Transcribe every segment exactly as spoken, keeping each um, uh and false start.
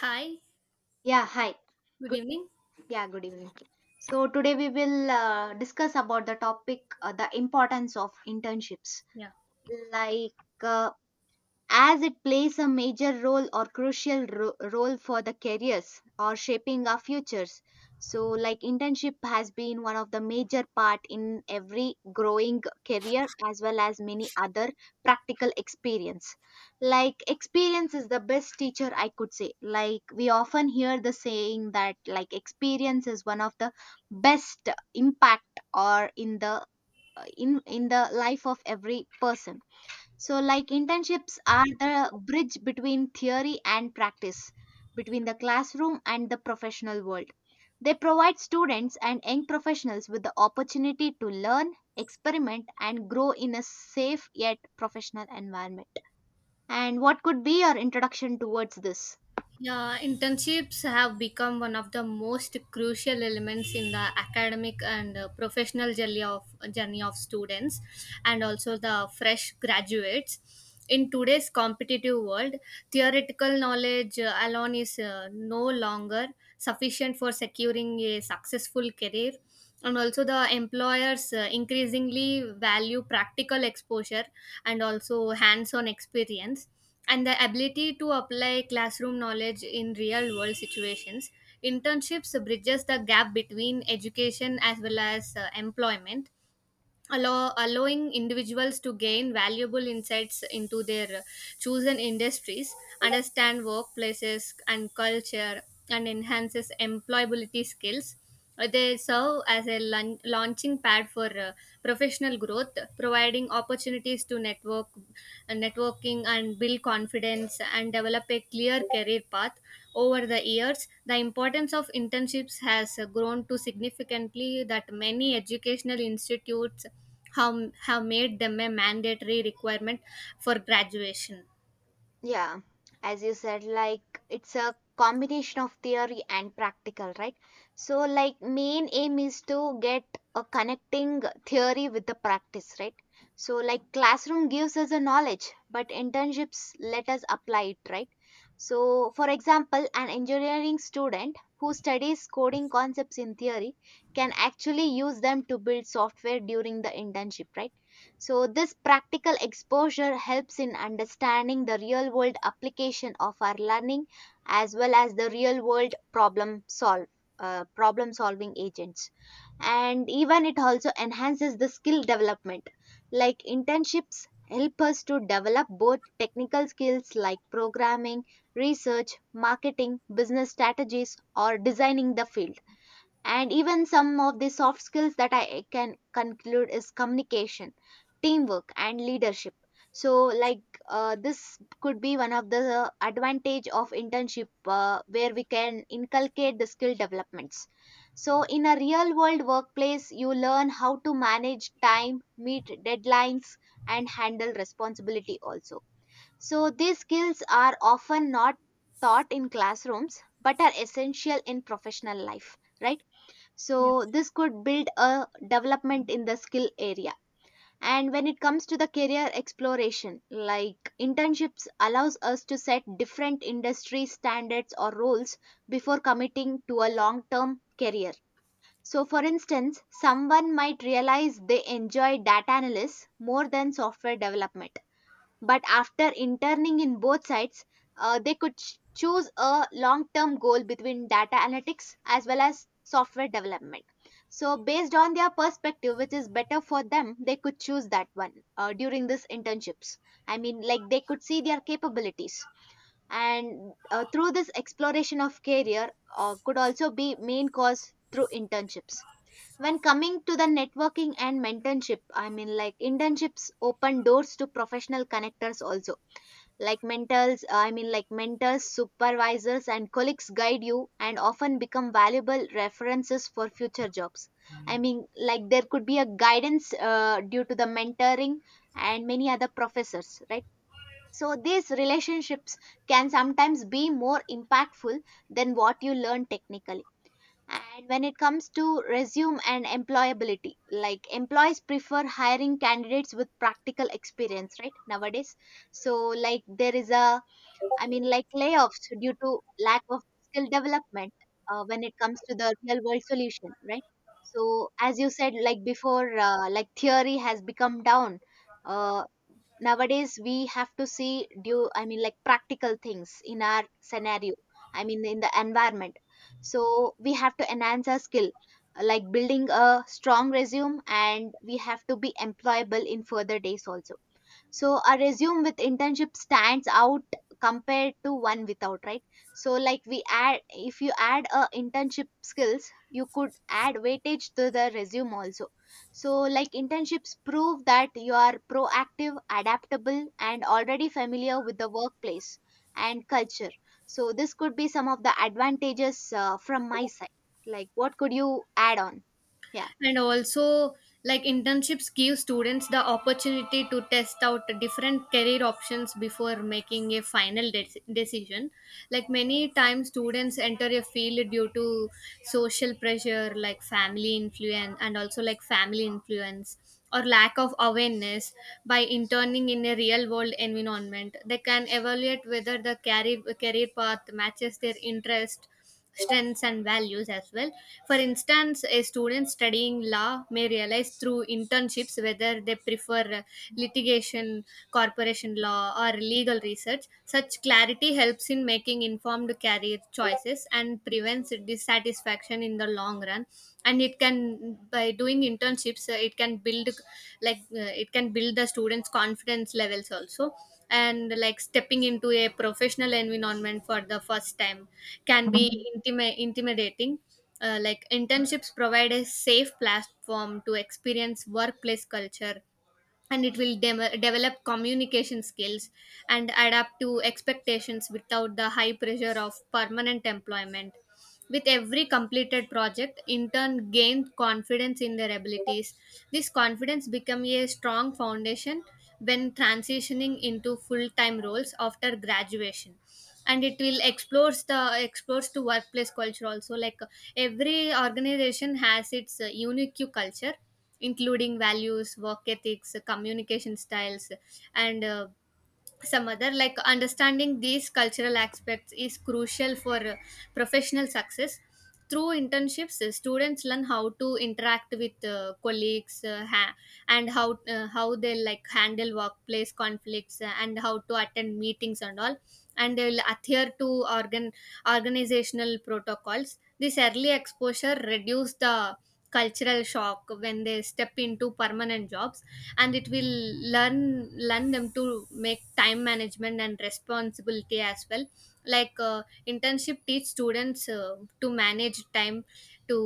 Hi, Yeah, hi. good Good, evening. yeah, good evening. So today we will uh, discuss about the topic uh, the importance of internships. Yeah. Like uh, as it plays a major role or crucial ro- role for the careers or shaping our futures, so like internship has been one of the major part in every growing career as well as many other practical experience. Like experience is the best teacher, I could say. Like we often hear the saying that, like, experience is one of the best impact or in the in in the life of every person. So, like, internships are the bridge between theory and practice, between the classroom and the professional world. They provide students and young professionals with the opportunity to learn, experiment, and grow in a safe yet professional environment. And what could be your introduction towards this? Yeah, internships have become one of the most crucial elements in the academic and uh, professional journey of journey of students and also the fresh graduates. In today's competitive world, theoretical knowledge uh, alone is uh, no longer sufficient for securing a successful career, and also the employers uh, increasingly value practical exposure and also hands on experience and the ability to apply classroom knowledge in real world situations. Internships bridges the gap between education as well as uh, employment, allow, allowing individuals to gain valuable insights into their uh, chosen industries, understand workplaces and culture, and enhances employability skills. Uh, they serve as a laun- launching pad for uh, professional growth, providing opportunities to network, uh, networking and build confidence and develop a clear career path. Over the years the importance of internships has uh, grown to significantly that many educational institutes have, have made them a mandatory requirement for graduation. Yeah, as you said, like, it's a combination of theory and practical, right? So, like, main aim is to get a connecting theory with the practice, right? So, like, classroom gives us a knowledge, but internships let us apply it, right? So, for example, an engineering student who studies coding concepts in theory can actually use them to build software during the internship, right? So, this practical exposure helps in understanding the real world application of our learning as well as the real world problem solve. Uh, problem solving agents, and even it also enhances the skill development. Like internships help us to develop both technical skills like programming, research, marketing, business strategies or designing the field, and even some of the soft skills that I can conclude is communication, teamwork and leadership. So like uh, this could be one of the advantage of internship uh, where we can inculcate the skill developments. So in a real world workplace you learn how to manage time, meet deadlines, and handle responsibility also. So these skills are often not taught in classrooms but are essential in professional life, right? Yeah. So this could build a development in the skill area. And when it comes to the career exploration, like internships allows us to set different industry standards or roles before committing to a long term career. So for instance, someone might realize they enjoy data analysis more than software development, but after interning in both sides, uh, they could ch- choose a long term goal between data analytics as well as software development. So, based on their perspective, which is better for them, they could choose that one uh, during this internships. I mean, like, they could see their capabilities. And uh, through this exploration of career, uh, could also be main cause through internships. When coming to the networking and mentorship, I mean, like internships open doors to professional connectors also, like mentors, uh, I mean, like, mentors, supervisors and colleagues guide you and often become valuable references for future jobs. I mean, like there could be a guidance uh, due to the mentoring and many other professors, right? So these relationships can sometimes be more impactful than what you learn technically. And when it comes to resume and employability, like employees prefer hiring candidates with practical experience, right, nowadays. So like there is a, I mean, like layoffs due to lack of skill development uh, when it comes to the real world solution, right? So, as you said, like before, uh, like theory has become down. Uh, Nowadays, we have to see due, I mean, like practical things in our scenario, I mean, in the environment. So, we have to enhance our skill, like building a strong resume, and we have to be employable in further days also. So a resume with internship stands out compared to one without, right? So like we add, if you add a internship skills, you could add weightage to the resume also. So like internships prove that you are proactive, adaptable and already familiar with the workplace and culture. So this could be some of the advantages uh, from my side. Like what could you add on? Yeah. And also, like, internships give students the opportunity to test out different career options before making a final de- decision. Like many times students enter a field due to social pressure, like family influence, and also like family influence or lack of awareness. By interning in a real world environment, they can evaluate whether the career career path matches their interest, strengths and values as well. For instance, a student studying law may realize through internships whether they prefer uh, litigation, corporation law, or legal research. Such clarity helps in making informed career choices and prevents dissatisfaction in the long run. And it can, by doing internships, uh, it can build like uh, it can build the students' confidence levels also. And like stepping into a professional environment for the first time can be intimi- intimidating. Uh, like, internships provide a safe platform to experience workplace culture, and it will dem- develop communication skills and adapt to expectations without the high pressure of permanent employment. With every completed project, intern gained confidence in their abilities. This confidence became a strong foundation when transitioning into full-time roles after graduation. And it will explores the explores to workplace culture also. Like uh, every organization has its uh, unique culture, including values, work ethics, uh, communication styles, and uh, some other like Understanding these cultural aspects is crucial for uh, professional success. Through internships, uh, students learn how to interact with uh, colleagues, uh, ha- and how uh, how they like handle workplace conflicts, uh, and how to attend meetings and all, and they will adhere to organ organizational protocols. This early exposure reduce the cultural shock when they step into permanent jobs. And it will learn learn them to make time management and responsibility as well. Like uh, internship teach students uh, to manage time, to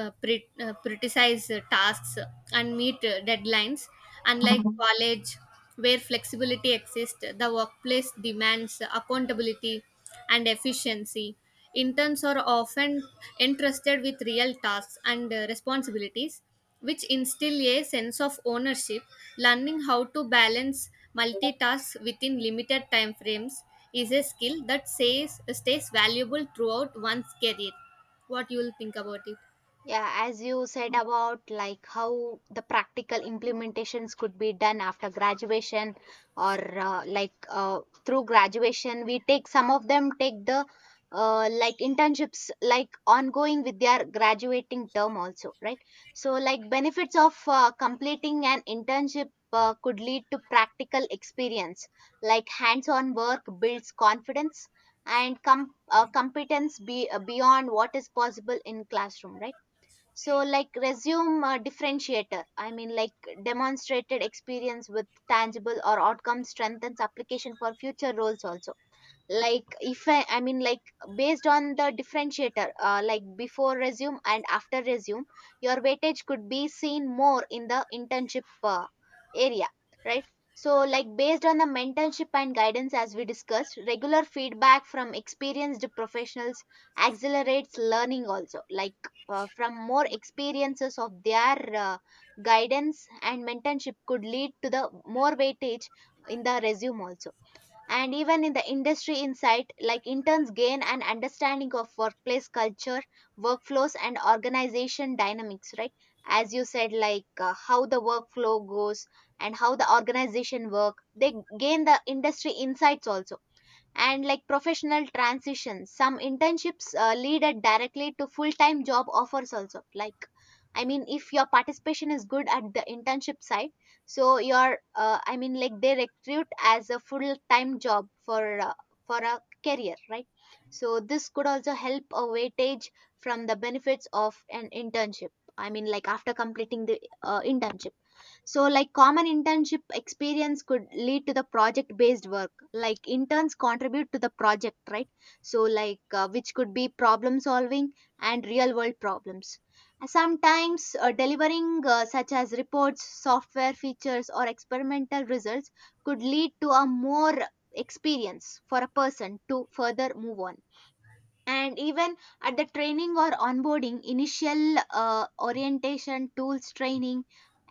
uh, pre- uh, prioritize uh, tasks and meet uh, deadlines. Unlike college, where flexibility exists, the workplace demands accountability and efficiency. Interns are often entrusted with real tasks and uh, responsibilities, which instill a sense of ownership. Learning how to balance multitask within limited time frames is a skill that says, stays valuable throughout one's career. What you will think about it? Yeah, as you said about like how the practical implementations could be done after graduation or uh, like uh, through graduation, we take some of them take the uh, like internships like ongoing with their graduating term also, right? So like benefits of uh, completing an internship uh, could lead to practical experience, like hands-on work builds confidence and com- uh, competence be, uh, beyond what is possible in classroom, right? So, like resume uh, differentiator, I mean, like demonstrated experience with tangible or outcome strengthens application for future roles also. Like if I, I mean, like, based on the differentiator uh, like before resume and after resume, your weightage could be seen more in the internship uh, area, right? So like based on the mentorship and guidance, as we discussed, regular feedback from experienced professionals accelerates learning also. Like uh, from more experiences of their uh, guidance and mentorship could lead to the more weightage in the resume also. And even in the industry insight, like interns gain an understanding of workplace culture, workflows and organization dynamics, right? As you said, like uh, how the workflow goes and how the organization work, they gain the industry insights also. And like professional transitions, some internships uh, lead it directly to full time job offers also. Like I mean, if your participation is good at the internship side, so your uh, I mean, like they recruit as a full time job for uh, for a career, right? So this could also help a weightage from the benefits of an internship. I mean, like after completing the uh, internship. So, like common internship experience could lead to the project based work. Like interns contribute to the project, right? So, like uh, which could be problem solving and real world problems. Uh, Sometimes uh, delivering uh, such as reports, software features, or experimental results could lead to a more experience for a person to further move on. And even at the training or onboarding, initial uh, orientation, tools training,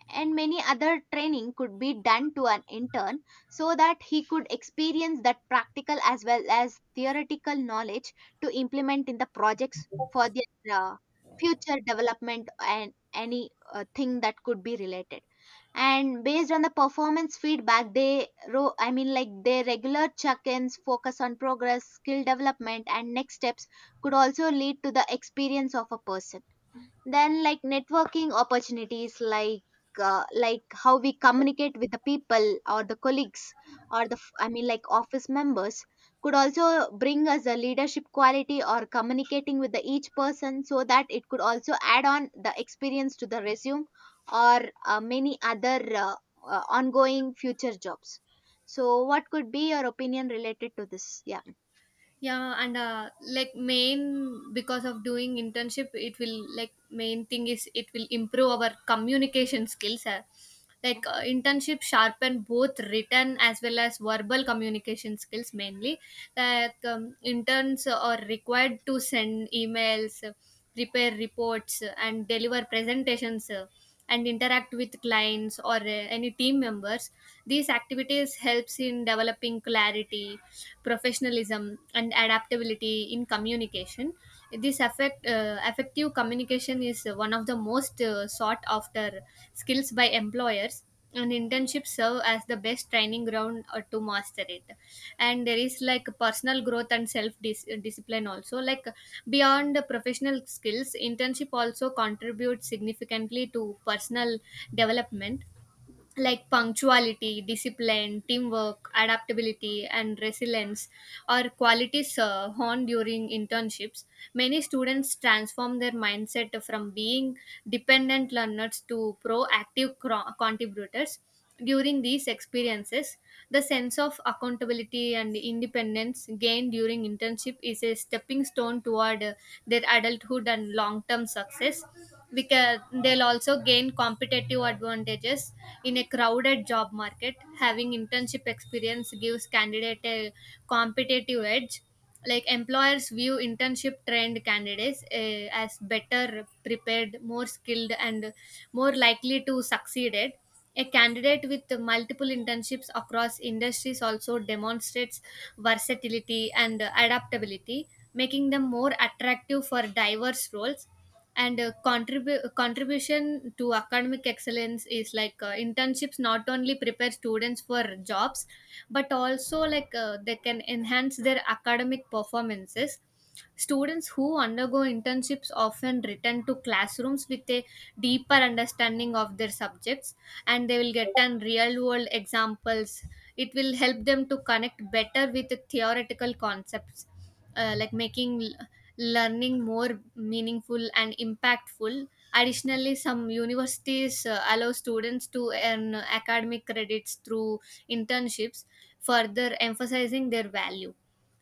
and many other training could be done to an intern so that he could experience that practical as well as theoretical knowledge to implement in the projects for their uh, future development and any uh, thing that could be related. And based on the performance feedback, they ro- I mean, like their regular check-ins focus on progress, skill development and next steps, could also lead to the experience of a person. Then like networking opportunities, like uh, like how we communicate with the people or the colleagues or the f- I mean, like, office members, could also bring us the leadership quality or communicating with the each person, so that it could also add on the experience to the resume or uh, many other uh, uh, ongoing future jobs. So what could be your opinion related to this? Yeah. Yeah, and uh, like, main, because of doing internship it will, like, main thing is it will improve our communication skills. Uh, like uh, internship sharpen both written as well as verbal communication skills mainly. Like, um, interns are required to send emails, uh, prepare reports, uh, and deliver presentations, uh, and interact with clients or uh, any team members. These activities helps in developing clarity, professionalism and adaptability in communication. This affect uh, Effective communication is one of the most uh, sought after skills by employers, and internships serve as the best training ground uh, to master it. And there is like personal growth and self dis- discipline also. Like, beyond the professional skills, internship also contributes significantly to personal development, like punctuality, discipline, teamwork, adaptability, and resilience are qualities uh, honed during internships. Many students transform their mindset from being dependent learners to proactive cro- contributors. During these experiences, the sense of accountability and independence gained during internship is a stepping stone toward uh, their adulthood and long term success. Because they'll also gain competitive advantages in a crowded job market. Having internship experience gives candidate a competitive edge. Like, employers view internship trained candidates uh, as better prepared, more skilled and more likely to succeed it. A candidate with multiple internships across industries also demonstrates versatility and adaptability, making them more attractive for diverse roles. And uh, contribu- contribution to academic excellence is like, uh, internships not only prepare students for jobs but also like uh, they can enhance their academic performances. Students who undergo internships often return to classrooms with a deeper understanding of their subjects, and they will get an real world examples. It will help them to connect better with the theoretical concepts, uh, like making l- learning more meaningful and impactful. Additionally, some universities uh, allow students to earn academic credits through internships, further emphasizing their value.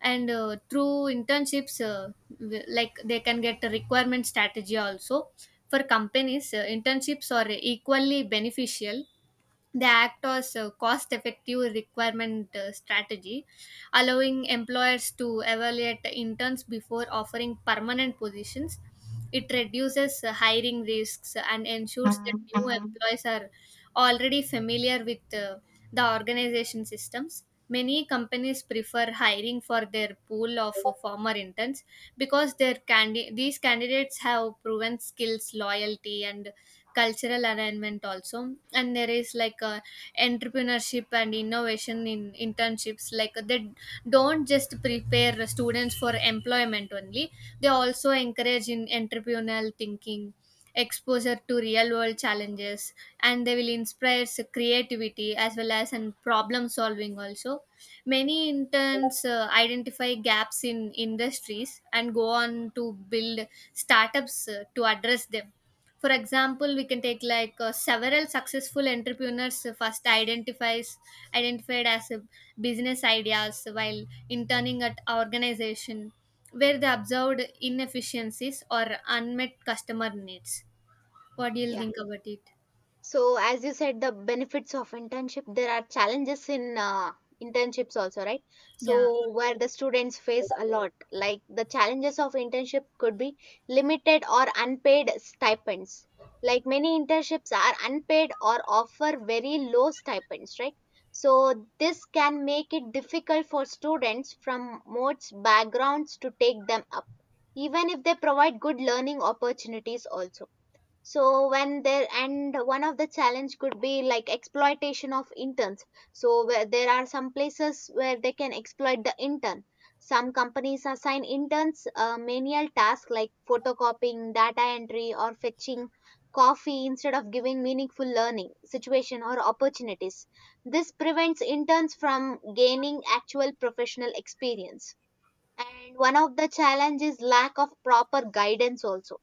And uh, through internships, uh, w- like, they can get a requirement strategy also. For companies, uh, internships are equally beneficial. They act as a cost effective requirement uh, strategy, allowing employers to evaluate interns before offering permanent positions. It reduces uh, hiring risks and ensures that new Mm. employees are already familiar with uh, the organization systems. Many companies prefer hiring for their pool of uh, former interns because their candi- these candidates have proven skills, loyalty, and cultural alignment also. And there is like uh, entrepreneurship and innovation in internships. Like, they don't just prepare students for employment only, they also encourage in entrepreneurial thinking, exposure to real world challenges, and they will inspire s- creativity as well as and problem solving also. Many interns uh, identify gaps in industries and go on to build startups uh, to address them. For example, we can take like, uh, several successful entrepreneurs first identifies identified as uh, business ideas while interning at organization where they observed inefficiencies or unmet customer needs. What do you Yeah, think about it? so, as you said, the benefits of internship, there are challenges in uh, internships also, right? Yeah. So, where the students face a lot, like the challenges of internship could be limited or unpaid stipends. Like many internships are unpaid or offer very low stipends, right? So, this can make it difficult for students from most backgrounds to take them up, even if they provide good learning opportunities also. So when there, and one of the challenge could be like exploitation of interns. So where there are some places where they can exploit the intern, some companies assign interns uh, menial tasks like photocopying, data entry or fetching coffee instead of giving meaningful learning situation or opportunities. This prevents interns from gaining actual professional experience. And one of the challenges is lack of proper guidance also.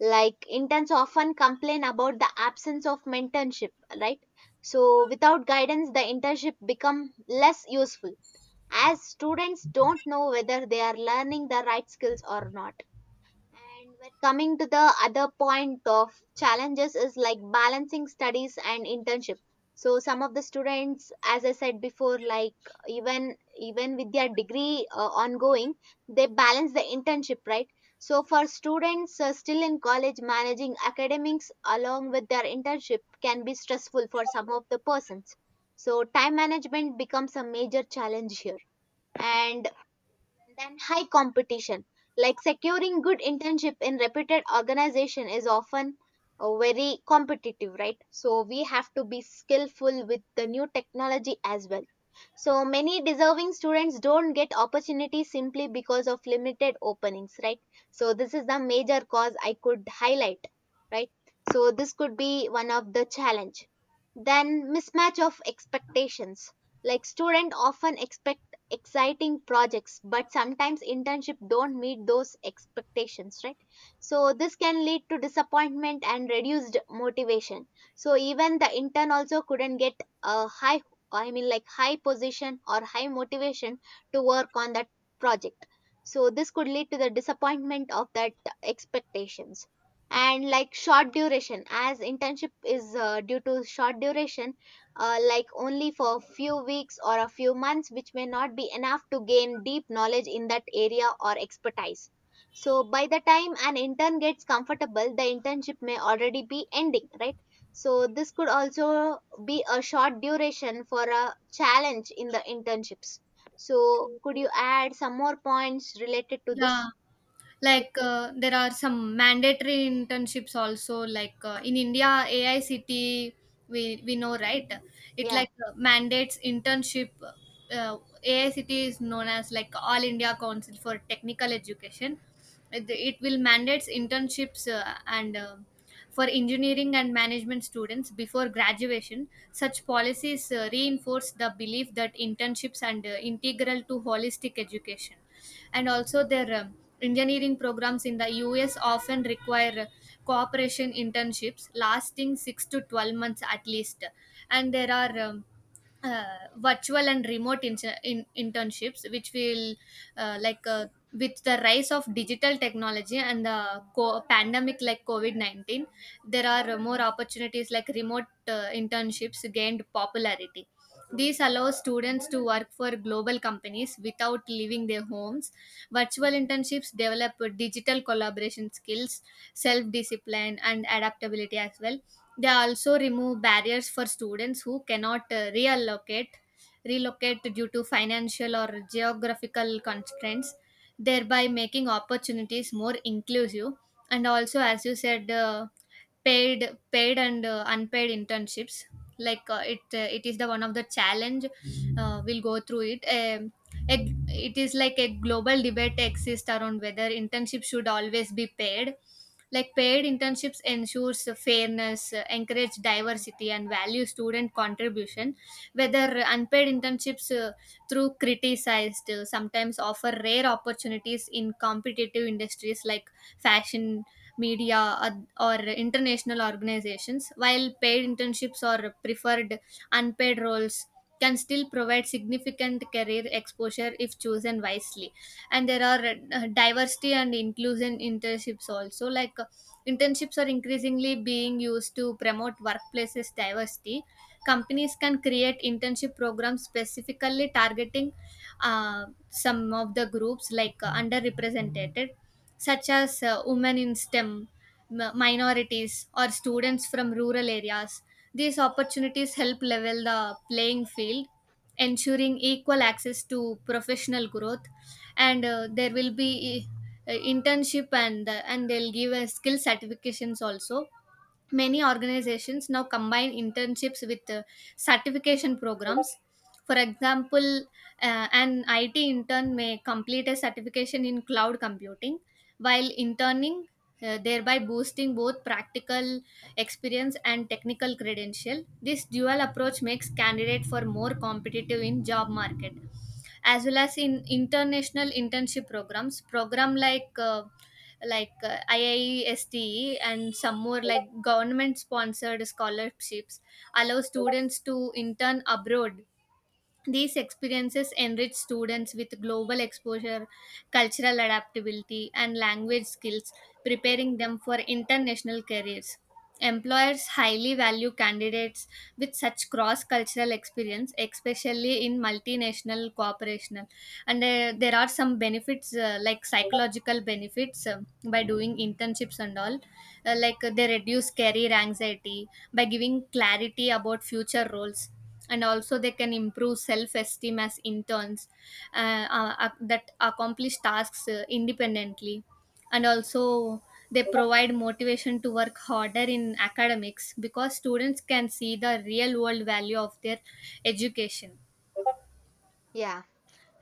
Like interns often complain about the absence of mentorship, right? So without guidance the internship become less useful, as students don't know whether they are learning the right skills or not. And when coming to the other point of challenges is like balancing studies and internship. So some of the students, as I said before, like even even with their degree uh, ongoing, they balance the internship, right? So for students uh, still in college, managing academics along with their internship can be stressful for some of the persons. So time management becomes a major challenge here. And than high competition. Like securing good internship in reputed organization is often uh, very competitive, right? So we have to be skillful with the new technology as well. So many deserving students don't get opportunities simply because of limited openings, right? So this is the major cause I could highlight, right? So this could be one of the challenge. Then mismatch of expectations. Like student often expect exciting projects but sometimes internship don't meet those expectations, right? So this can lead to disappointment and reduced motivation. So even the intern also couldn't get a high, i mean like high position or high motivation to work on that project. So this could lead to the disappointment of that expectations. And like short duration, as internship is uh, due to short duration, uh, like only for a few weeks or a few months, which may not be enough to gain deep knowledge in that area or expertise. So by the time an intern gets comfortable, the internship may already be ending, right? So this could also be a short duration for a challenge in the internships. So, could you add some more points related to Yeah, this? like uh, there are some mandatory internships also, like uh, in India AICT, we we know, right? It, Yeah, like uh, mandates internship. uh, AICT is known as like All India Council for Technical Education. It, it will mandates internships uh, and uh, for engineering and management students before graduation. Such policies uh, reinforce the belief that internships are uh, integral to holistic education. And also their, um, engineering programs in the U S often require uh, cooperation internships lasting six to twelve months at least. And there are um, uh, virtual and remote in in- internships which will uh, like uh, with the rise of digital technology and the co- pandemic, like covid nineteen, there are more opportunities. Like remote uh, internships gained popularity. These allow students to work for global companies without leaving their homes. Virtual internships develop digital collaboration skills, self discipline, and adaptability as well. They also remove barriers for students who cannot uh, reallocate relocate due to financial or geographical constraints, thereby making opportunities more inclusive. And also, as you said, uh, paid paid and uh, unpaid internships. Like uh, it uh, it is the one of the challenge. Uh, we'll go through it. um, a- it is like a global debate exists around whether internships should always be paid. Like, paid internships ensures fairness, uh, encourage diversity and value student contribution, whether unpaid internships, uh, through criticized, uh, sometimes offer rare opportunities in competitive industries like fashion, media, ad- or international organizations, while paid internships or preferred, unpaid roles can still provide significant career exposure if chosen wisely. And there are uh, diversity and inclusion internships also. Like uh, internships are increasingly being used to promote workplaces diversity. Companies can create internship programs specifically targeting uh, some of the groups, like uh, underrepresented, such as uh, women in STEM, m- minorities, or students from rural areas. These opportunities help level the playing field, ensuring equal access to professional growth. And uh, there will be uh, internship and uh, and they'll give uh, skill certifications also. Many organizations now combine internships with uh, certification programs. For example, uh, an I T intern may complete a certification in cloud computing while interning, uh, thereby boosting both practical experience and technical credential. This dual approach makes candidate for more competitive in job market, as well as in international internship programs program like uh, like uh, I I S T E and some more, like government sponsored scholarships allow students to intern abroad. These experiences enrich students with global exposure, cultural adaptability, and language skills, preparing them for international careers. Employers highly value candidates with such cross cultural experience, especially in multinational corporation. And uh, there are some benefits, uh, like psychological benefits, uh, by doing internships and all. Uh, like uh, they reduce career anxiety by giving clarity about future roles, and also they can improve self-esteem as interns uh, uh, ac- that accomplish tasks uh, independently. And also they provide motivation to work harder in academics because students can see the real world value of their education. yeah.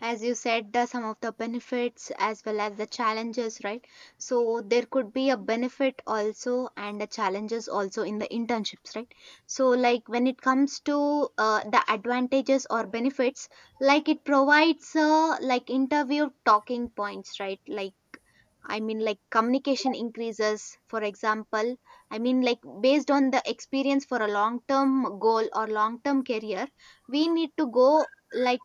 As you said, the some of the benefits as well as the challenges, right? So there could be a benefit also and the challenges also in the internships, right? So like when it comes to uh, the advantages or benefits, like it provides uh, like interview talking points, right? Like I mean, like communication increases, for example. I mean, like based on the experience for a long term goal or long term career, we need to go like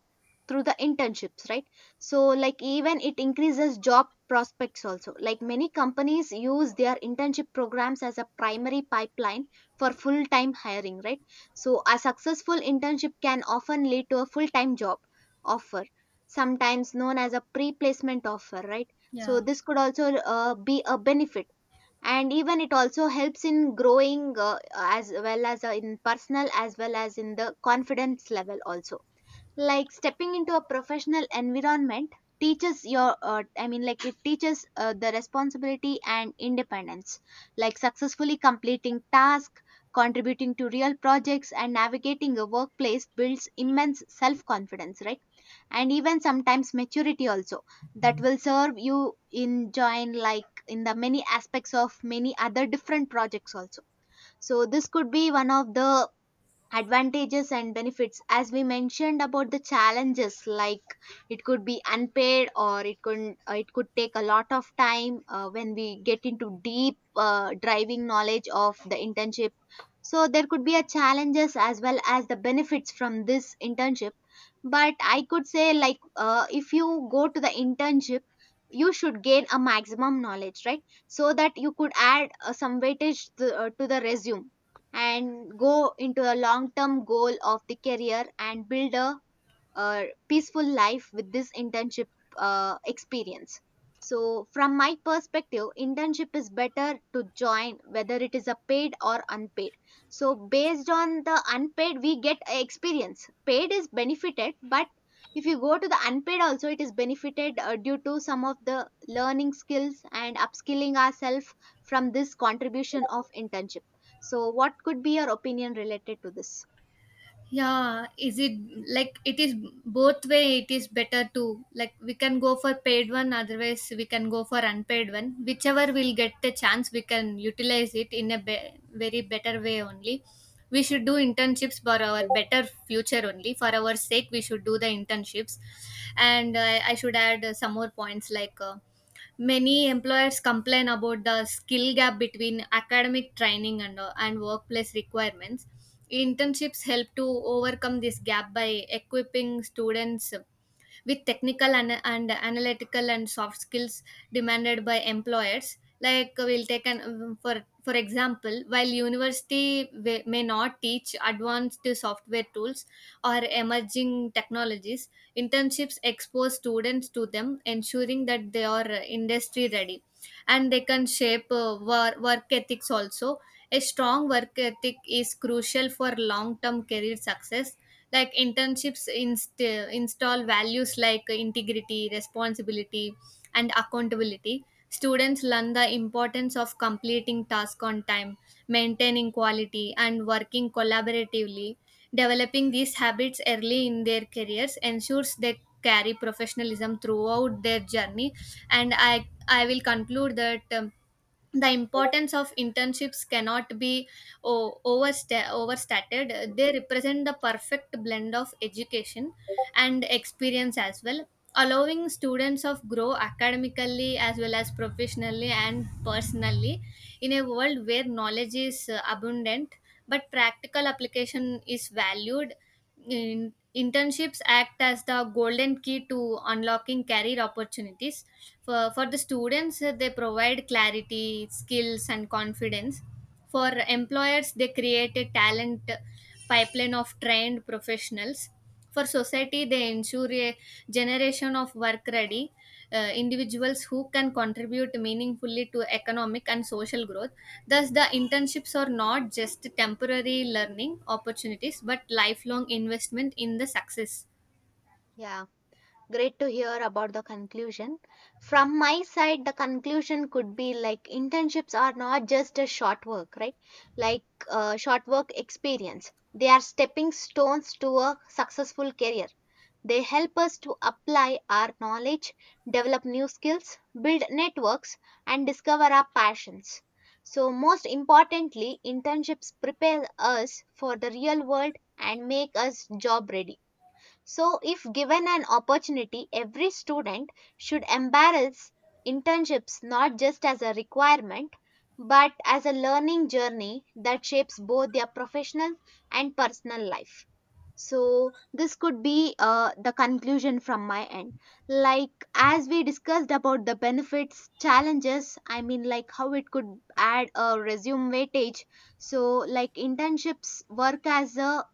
through the internships, right? So like, even it increases job prospects also. Like, many companies use their internship programs as a primary pipeline for full time hiring, right? So, a successful internship can often lead to a full time job offer, sometimes known as a pre placement offer, right? So Yeah. this could also uh, be a benefit, and even it also helps in growing uh, as well as uh, in personal as well as in the confidence level also. Like stepping into a professional environment teaches your uh, i mean like it teaches uh, the responsibility and independence. Like successfully completing tasks, contributing to real projects and navigating a workplace builds immense self confidence, right? And even sometimes maturity also, that will serve you in join, like in the many aspects of many other different projects also. So this could be one of the advantages and benefits. As we mentioned about the challenges, like it could be unpaid or it could uh, it could take a lot of time uh, when we get into deep uh, driving knowledge of the internship. So there could be a challenges as well as the benefits from this internship. But I could say like uh, if you go to the internship, you should gain a maximum knowledge, right? So that you could add uh, some weightage to, uh, to the resume, and go into a long term goal of the career and build a uh, peaceful life with this internship uh, experience. So from my perspective internship is better to join, whether it is a paid or unpaid. So based on the unpaid we get a experience, paid is benefited, but if you go to the unpaid also it is benefited uh, due to some of the learning skills and upskilling ourselves from this contribution of internship. So what could be your opinion related to this? Yeah, is it like, it is both way. It is better to, like, we can go for paid one, otherwise we can go for unpaid one, whichever will get the chance we can utilize it in a be- very better way only. We should do internships for our better future only, for our sake we should do the internships. And uh, I should add uh, some more points. Like, uh, many employers complain about the skill gap between academic training and, uh, and workplace requirements. Internships help to overcome this gap by equipping students with technical and, and analytical and soft skills demanded by employers. Like, uh, we'll take an, um, for for example, while university wa- may not teach advanced software tools or emerging technologies, internships expose students to them, ensuring that they are industry ready. And they can shape uh, wor- work ethics also. A strong work ethic is crucial for long term career success. Like, internships inst- install values like integrity, responsibility and accountability. Students learn the importance of completing tasks on time, maintaining quality and working collaboratively. Developing these habits early in their careers ensures they carry professionalism throughout their journey. And I, I will conclude that. Um, the importance of internships cannot be o- oversta- overstated. They represent the perfect blend of education and experience as well, allowing students of grow academically as well as professionally and personally. In a world where knowledge is uh, abundant but practical application is valued, in, internships act as the golden key to unlocking career opportunities for, for the students. Uh, they provide clarity, skills and confidence. For employers, they create a talent pipeline of trained professionals. For society, they ensure a generation of work ready uh, individuals who can contribute meaningfully to economic and social growth. Thus the internships are not just temporary learning opportunities but lifelong investment in the success. Yeah. Great to hear about the conclusion. From my side, the conclusion could be like internships are not just a short work, right? Like uh, short work experience. They are stepping stones to a successful career. They help us to apply our knowledge, develop new skills, build networks, and discover our passions. So, most importantly, internships prepare us for the real world and make us job ready. So, if given an opportunity, every student should embrace internships not just as a requirement but as a learning journey that shapes both their professional and personal life. So, this could be uh, the conclusion from my end. Like, as we discussed about the benefits, challenges, I mean, like how it could add a resume weightage. So, like, internships work as a,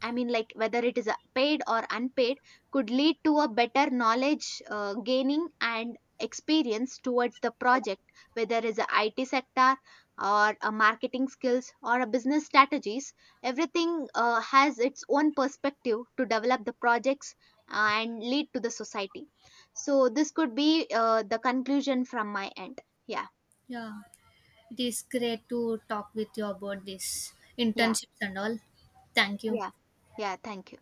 I mean, like whether it is a paid or unpaid, could lead to a better knowledge uh, gaining and experience towards the project, whether it's a I T sector or a marketing skills or a business strategies. Everything uh, has its own perspective to develop the projects and lead to the society. So, this could be uh, the conclusion from my end. Yeah, Yeah. It is great to talk with you about this yeah, internships and all. Thank you. yeah, yeah. Thank you.